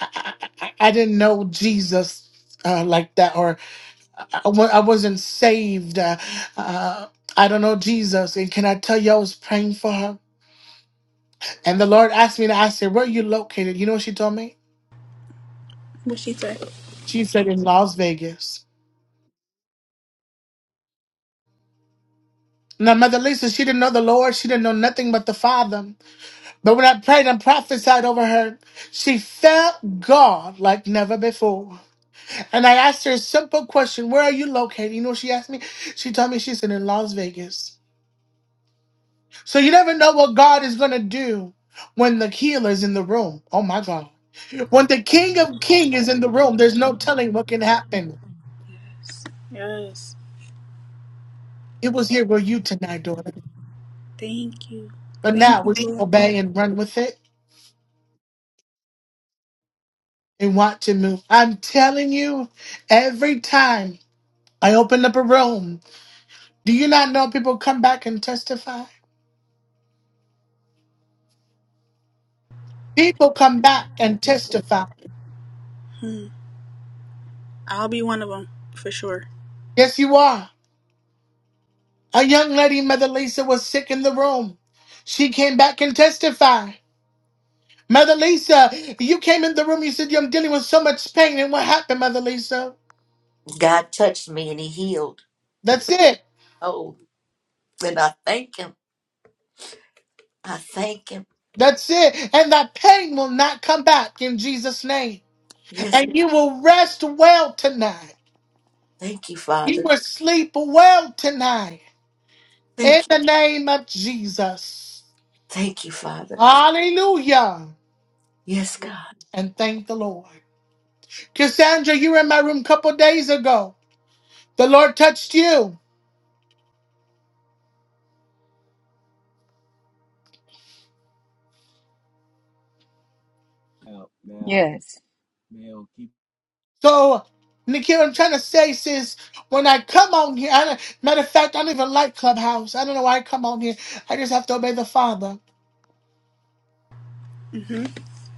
Speaker 1: I, I, I I didn't know Jesus uh, like that, or I, I wa- I wasn't saved. Uh, uh, I don't know Jesus. And can I tell you, I was praying for her? And the Lord asked me to ask her, Where are you located? You know what she told me?
Speaker 3: What she said.
Speaker 1: She said, In Las Vegas. Now, Mother Lisa, she didn't know the Lord. She didn't know nothing but the Father. But when I prayed and prophesied over her, she felt God like never before. And I asked her a simple question Where are you located? You know what she asked me? She told me she's in Las Vegas. So you never know what God is going to do when the healer's in the room. Oh, my God. When the King of King is in the room, there's no telling what can happen.
Speaker 3: Yes.
Speaker 1: It was here for you tonight, daughter.
Speaker 3: Thank you.
Speaker 1: But now
Speaker 3: Thank you,
Speaker 1: we
Speaker 3: Lord.
Speaker 1: obey and run with it and want to move. I'm telling you, every time I open up a room, do you not know people come back and testify? People come back and testify.
Speaker 3: Hmm. I'll be one of them for sure.
Speaker 1: Yes, you are. A young lady, Mother Lisa, was sick in the room. She came back and testified. Mother Lisa, you came in the room, you said, I'm dealing with so much pain. And what happened, Mother Lisa?
Speaker 2: God touched me and he healed.
Speaker 1: That's it.
Speaker 2: Oh, and I thank him. I thank him.
Speaker 1: That's it. And that pain will not come back in Jesus' name.
Speaker 2: Yes,
Speaker 1: And you will rest well tonight.
Speaker 2: thank you,
Speaker 1: You
Speaker 2: Father.
Speaker 1: will sleep well tonight. In
Speaker 2: Thank you.
Speaker 1: the name of Jesus.
Speaker 2: Thank you, Father.
Speaker 1: Hallelujah.
Speaker 2: Yes, God.
Speaker 1: And thank the Lord. Cassandra, you were in my room a couple days ago. The Lord touched you.
Speaker 4: Yes.
Speaker 1: So, Nikhil, I'm trying to say, sis, when I come on here, I don't, matter of fact, I don't even like Clubhouse. I don't know why I come on here. I just have to obey the Father.
Speaker 3: hmm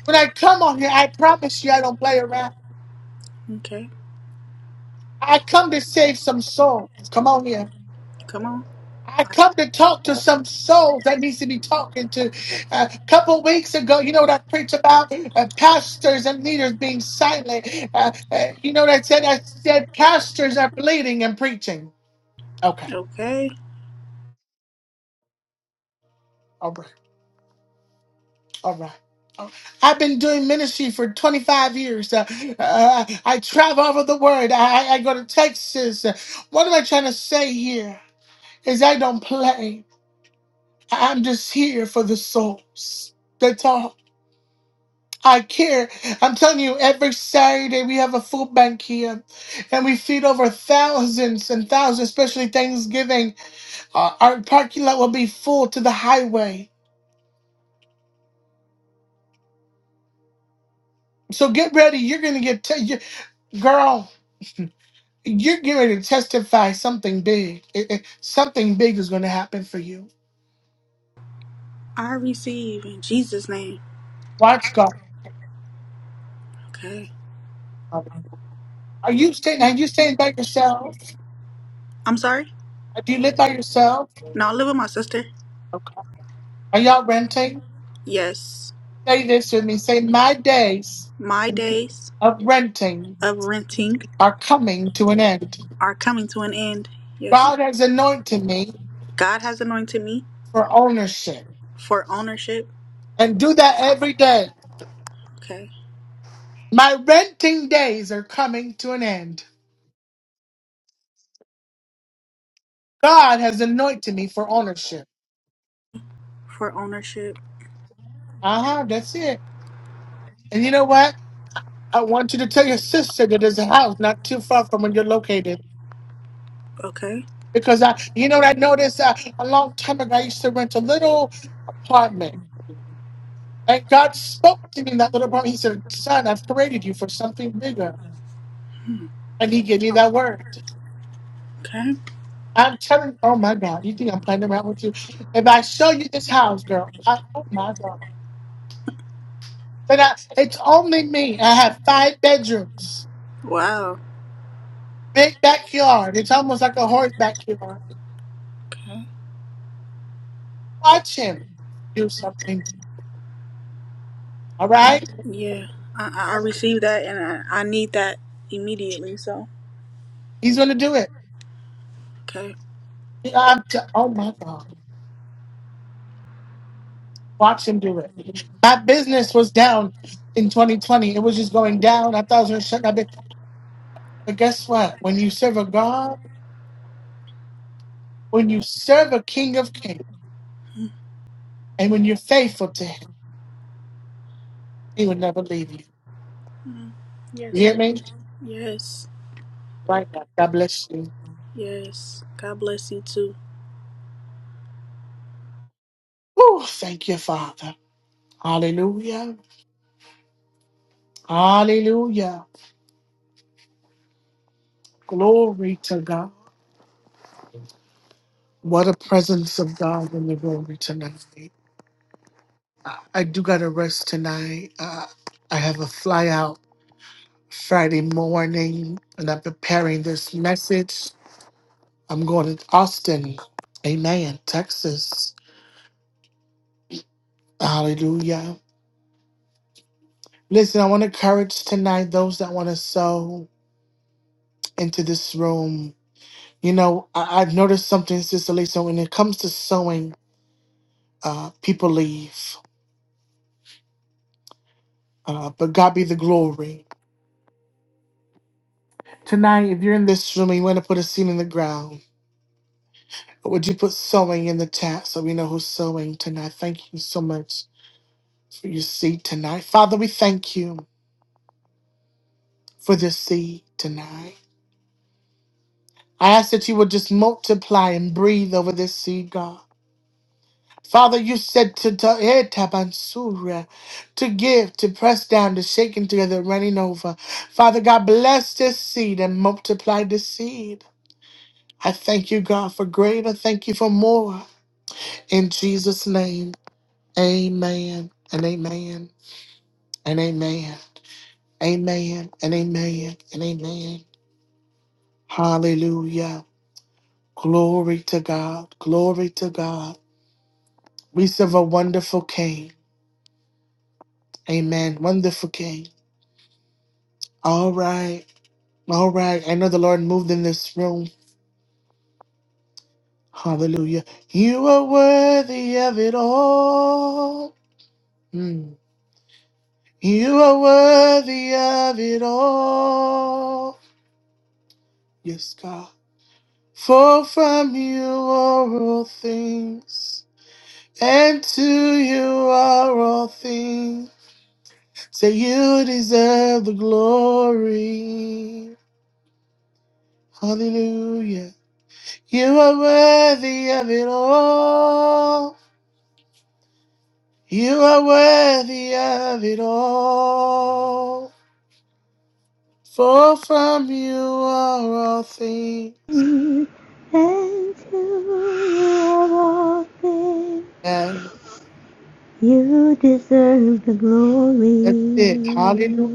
Speaker 1: When I come on here, I promise you I don't play around.
Speaker 3: Okay.
Speaker 1: I come to save some souls. Come on here.
Speaker 3: Come on.
Speaker 1: I come to talk to some souls that needs to be talking to. A couple weeks ago, you know what I preached about Uh, pastors and leaders being silent. Uh, uh, you know what I said? I said pastors are bleeding and preaching. Okay,
Speaker 3: Okay.
Speaker 1: all right, all right. I've been doing ministry for 25 years. Uh, uh, I travel all over the world. I, I go to Texas. What am I trying to say here? Is I don't play. I'm just here for the souls. That's all. I care. I'm telling you, every Saturday we have a food bank here, and we feed over thousands and thousands. Especially Thanksgiving, uh, our parking lot will be full to the highway. So get ready. You're gonna get, te- you- girl. You're getting ready to testify something big. It- it- something big is gonna happen for you.
Speaker 3: I receive in Jesus' name.
Speaker 1: Watch God.
Speaker 3: Okay.
Speaker 1: Are you staying? Are you staying by yourself?
Speaker 3: I'm sorry.
Speaker 1: Do you live by yourself?
Speaker 3: No, I live with my sister.
Speaker 1: Are y'all renting?
Speaker 3: Yes.
Speaker 1: Say this with me. Say my days
Speaker 3: My days
Speaker 1: of renting
Speaker 3: of renting
Speaker 1: are coming to an end.
Speaker 3: are coming to an end. Yes.
Speaker 1: God has anointed me
Speaker 3: God has anointed me
Speaker 1: for ownership
Speaker 3: for ownership.
Speaker 1: and do that every day.
Speaker 3: Okay.
Speaker 1: My renting days are coming to an end. God has anointed me for ownership.
Speaker 3: For ownership.
Speaker 1: Uh huh, that's it. And you know what? I want you to tell your sister that there's a house not too far from where you're located.
Speaker 3: Okay.
Speaker 1: Because I, you know what I noticed uh, a long time ago, I used to rent a little apartment. And God spoke to me in that little apartment. He said, Son, I've created you for something bigger. And He gave me that word.
Speaker 3: Okay.
Speaker 1: I'm telling oh my God, you think I'm playing around with you? If I show you this house, girl, I, oh my God. But I, it's only me. I have five bedrooms,
Speaker 3: Wow.
Speaker 1: big backyard. It's almost like a horse backyard.
Speaker 3: Okay.
Speaker 1: Watch him do something. All right?
Speaker 3: Yeah. I, I received that and I, I need that immediately. So,
Speaker 1: He's going to do it.
Speaker 3: okay.
Speaker 1: I'm t- oh my God. Watch him do it. My business was down in 2020. It was just going down. I thought it was going to shut my business. But guess what? When you serve a God, when you serve a King of Kings,
Speaker 3: Mm,
Speaker 1: and when you're faithful to Him, He will never leave you.
Speaker 3: mm.
Speaker 1: You
Speaker 3: Yes,
Speaker 1: hear
Speaker 3: Lord.
Speaker 1: me?
Speaker 3: Yes.
Speaker 1: Right now. God bless you.
Speaker 3: Yes. God bless you too.
Speaker 1: Oh, thank you, Father. Hallelujah. Hallelujah. Glory to God. What a presence of God in the room tonight. Uh, I do got to rest tonight. Uh, I have a fly out Friday morning, and I'm preparing this message. I'm going to Austin. Amen. Texas. Hallelujah. Listen, I want to encourage tonight those that want to sow into this room. You know, I, I've noticed something, Sister Lisa, when it comes to sewing, uh, people leave. Uh, but God be the glory. Tonight, if you're in this room and you want to put a seed in the ground, would you put sewing in the chat so we know who's sewing tonight? Thank you so much for your seed tonight. Father, we thank you for this seed tonight. I ask that you would just multiply and breathe over this seed, God. Father, you said to to eh, tabansura, to give, to press down, to shake and together, running over. Father God, bless this seed and multiply this seed. I thank you, God, for greater. Thank you for more. In Jesus' name, amen and amen and amen. Amen and amen and amen. Hallelujah. Glory to God. Glory to God. We serve a wonderful King. Amen. Wonderful King. All right. All right. I know the Lord moved in this room. Hallelujah. You are worthy of it all. Mm. You are worthy of it all. Yes, God. For from you are all things, and to you are all things. So you deserve the glory. Hallelujah. You are worthy of it all. You are worthy of it all. For from you are all things.
Speaker 5: you and to you of all things.
Speaker 1: And
Speaker 5: You deserve the
Speaker 1: that's
Speaker 5: glory.
Speaker 1: it. Hallelujah.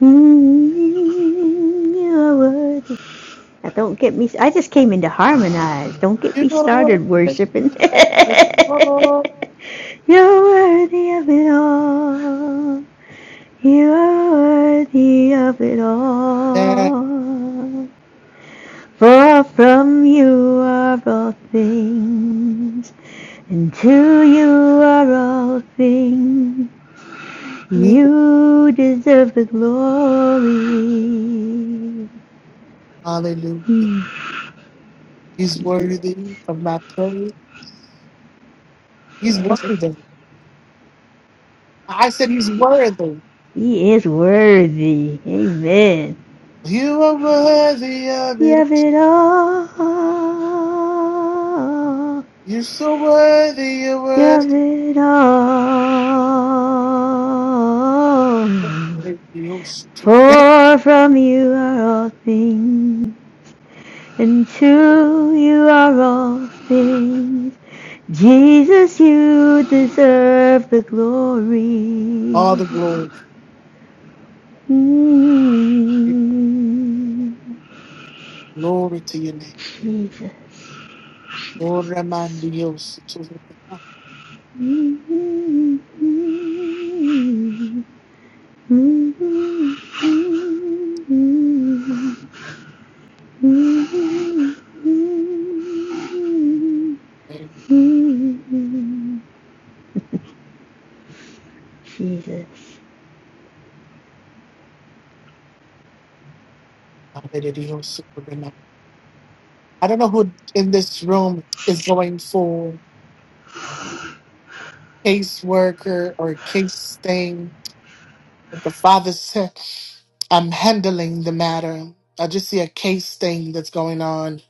Speaker 5: Mm, you are worthy. Now don't get me. I just came in to harmonize. Don't get
Speaker 1: You
Speaker 5: me
Speaker 1: are
Speaker 5: started
Speaker 1: worthy
Speaker 5: worshiping.
Speaker 1: of it all.
Speaker 5: You're worthy of it all. You are worthy of it
Speaker 1: Yeah.
Speaker 5: all. For from you are all things, and to you are all things. You deserve the glory.
Speaker 1: Hallelujah.
Speaker 5: Hmm,
Speaker 1: He's
Speaker 5: Jesus.
Speaker 1: worthy of my praise. He's
Speaker 5: Yes.
Speaker 1: worthy. I said he's worthy.
Speaker 5: He is worthy. Amen.
Speaker 1: You are worthy of
Speaker 5: You have
Speaker 1: it.
Speaker 5: it all.
Speaker 1: You're so worthy. You're
Speaker 5: You have
Speaker 1: worthy.
Speaker 5: it all. For from you are all things, and to you are all things. Jesus, you deserve the glory.
Speaker 1: All the glory.
Speaker 5: Mm,
Speaker 1: Glory to your name.
Speaker 5: Jesus.
Speaker 1: Ora mandios tu remate.
Speaker 5: Mm-hmm. Mm-hmm. Mm-hmm. Mm-hmm. Mm-hmm. Mm-hmm. Jesus
Speaker 1: Adere dios tu I don't know who in this room is going for caseworker or case thing, but the Father said, I'm handling the matter. I just see a case thing that's going on,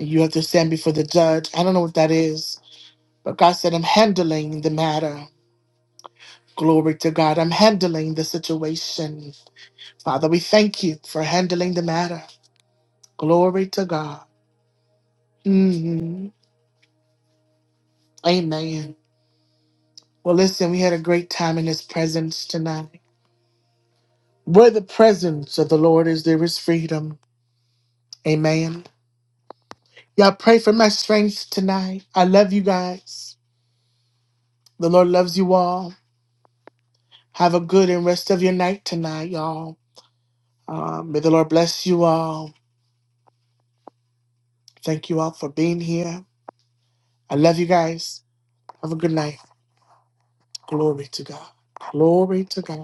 Speaker 1: and you have to stand before the judge. I don't know what that is, but God said, I'm handling the matter. Glory to God. I'm handling the situation. Father, we thank you for handling the matter. Glory to God. hmm Amen. Well, listen, we had a great time in His presence tonight. Where the presence of the Lord is, there is freedom. Amen. Y'all pray for my strength tonight. I love you guys. The Lord loves you all. Have a good and rest of your night tonight, y'all. Um, may the Lord bless you all. Thank you all for being here. I love you guys. Have a good night. Glory to God. Glory to God.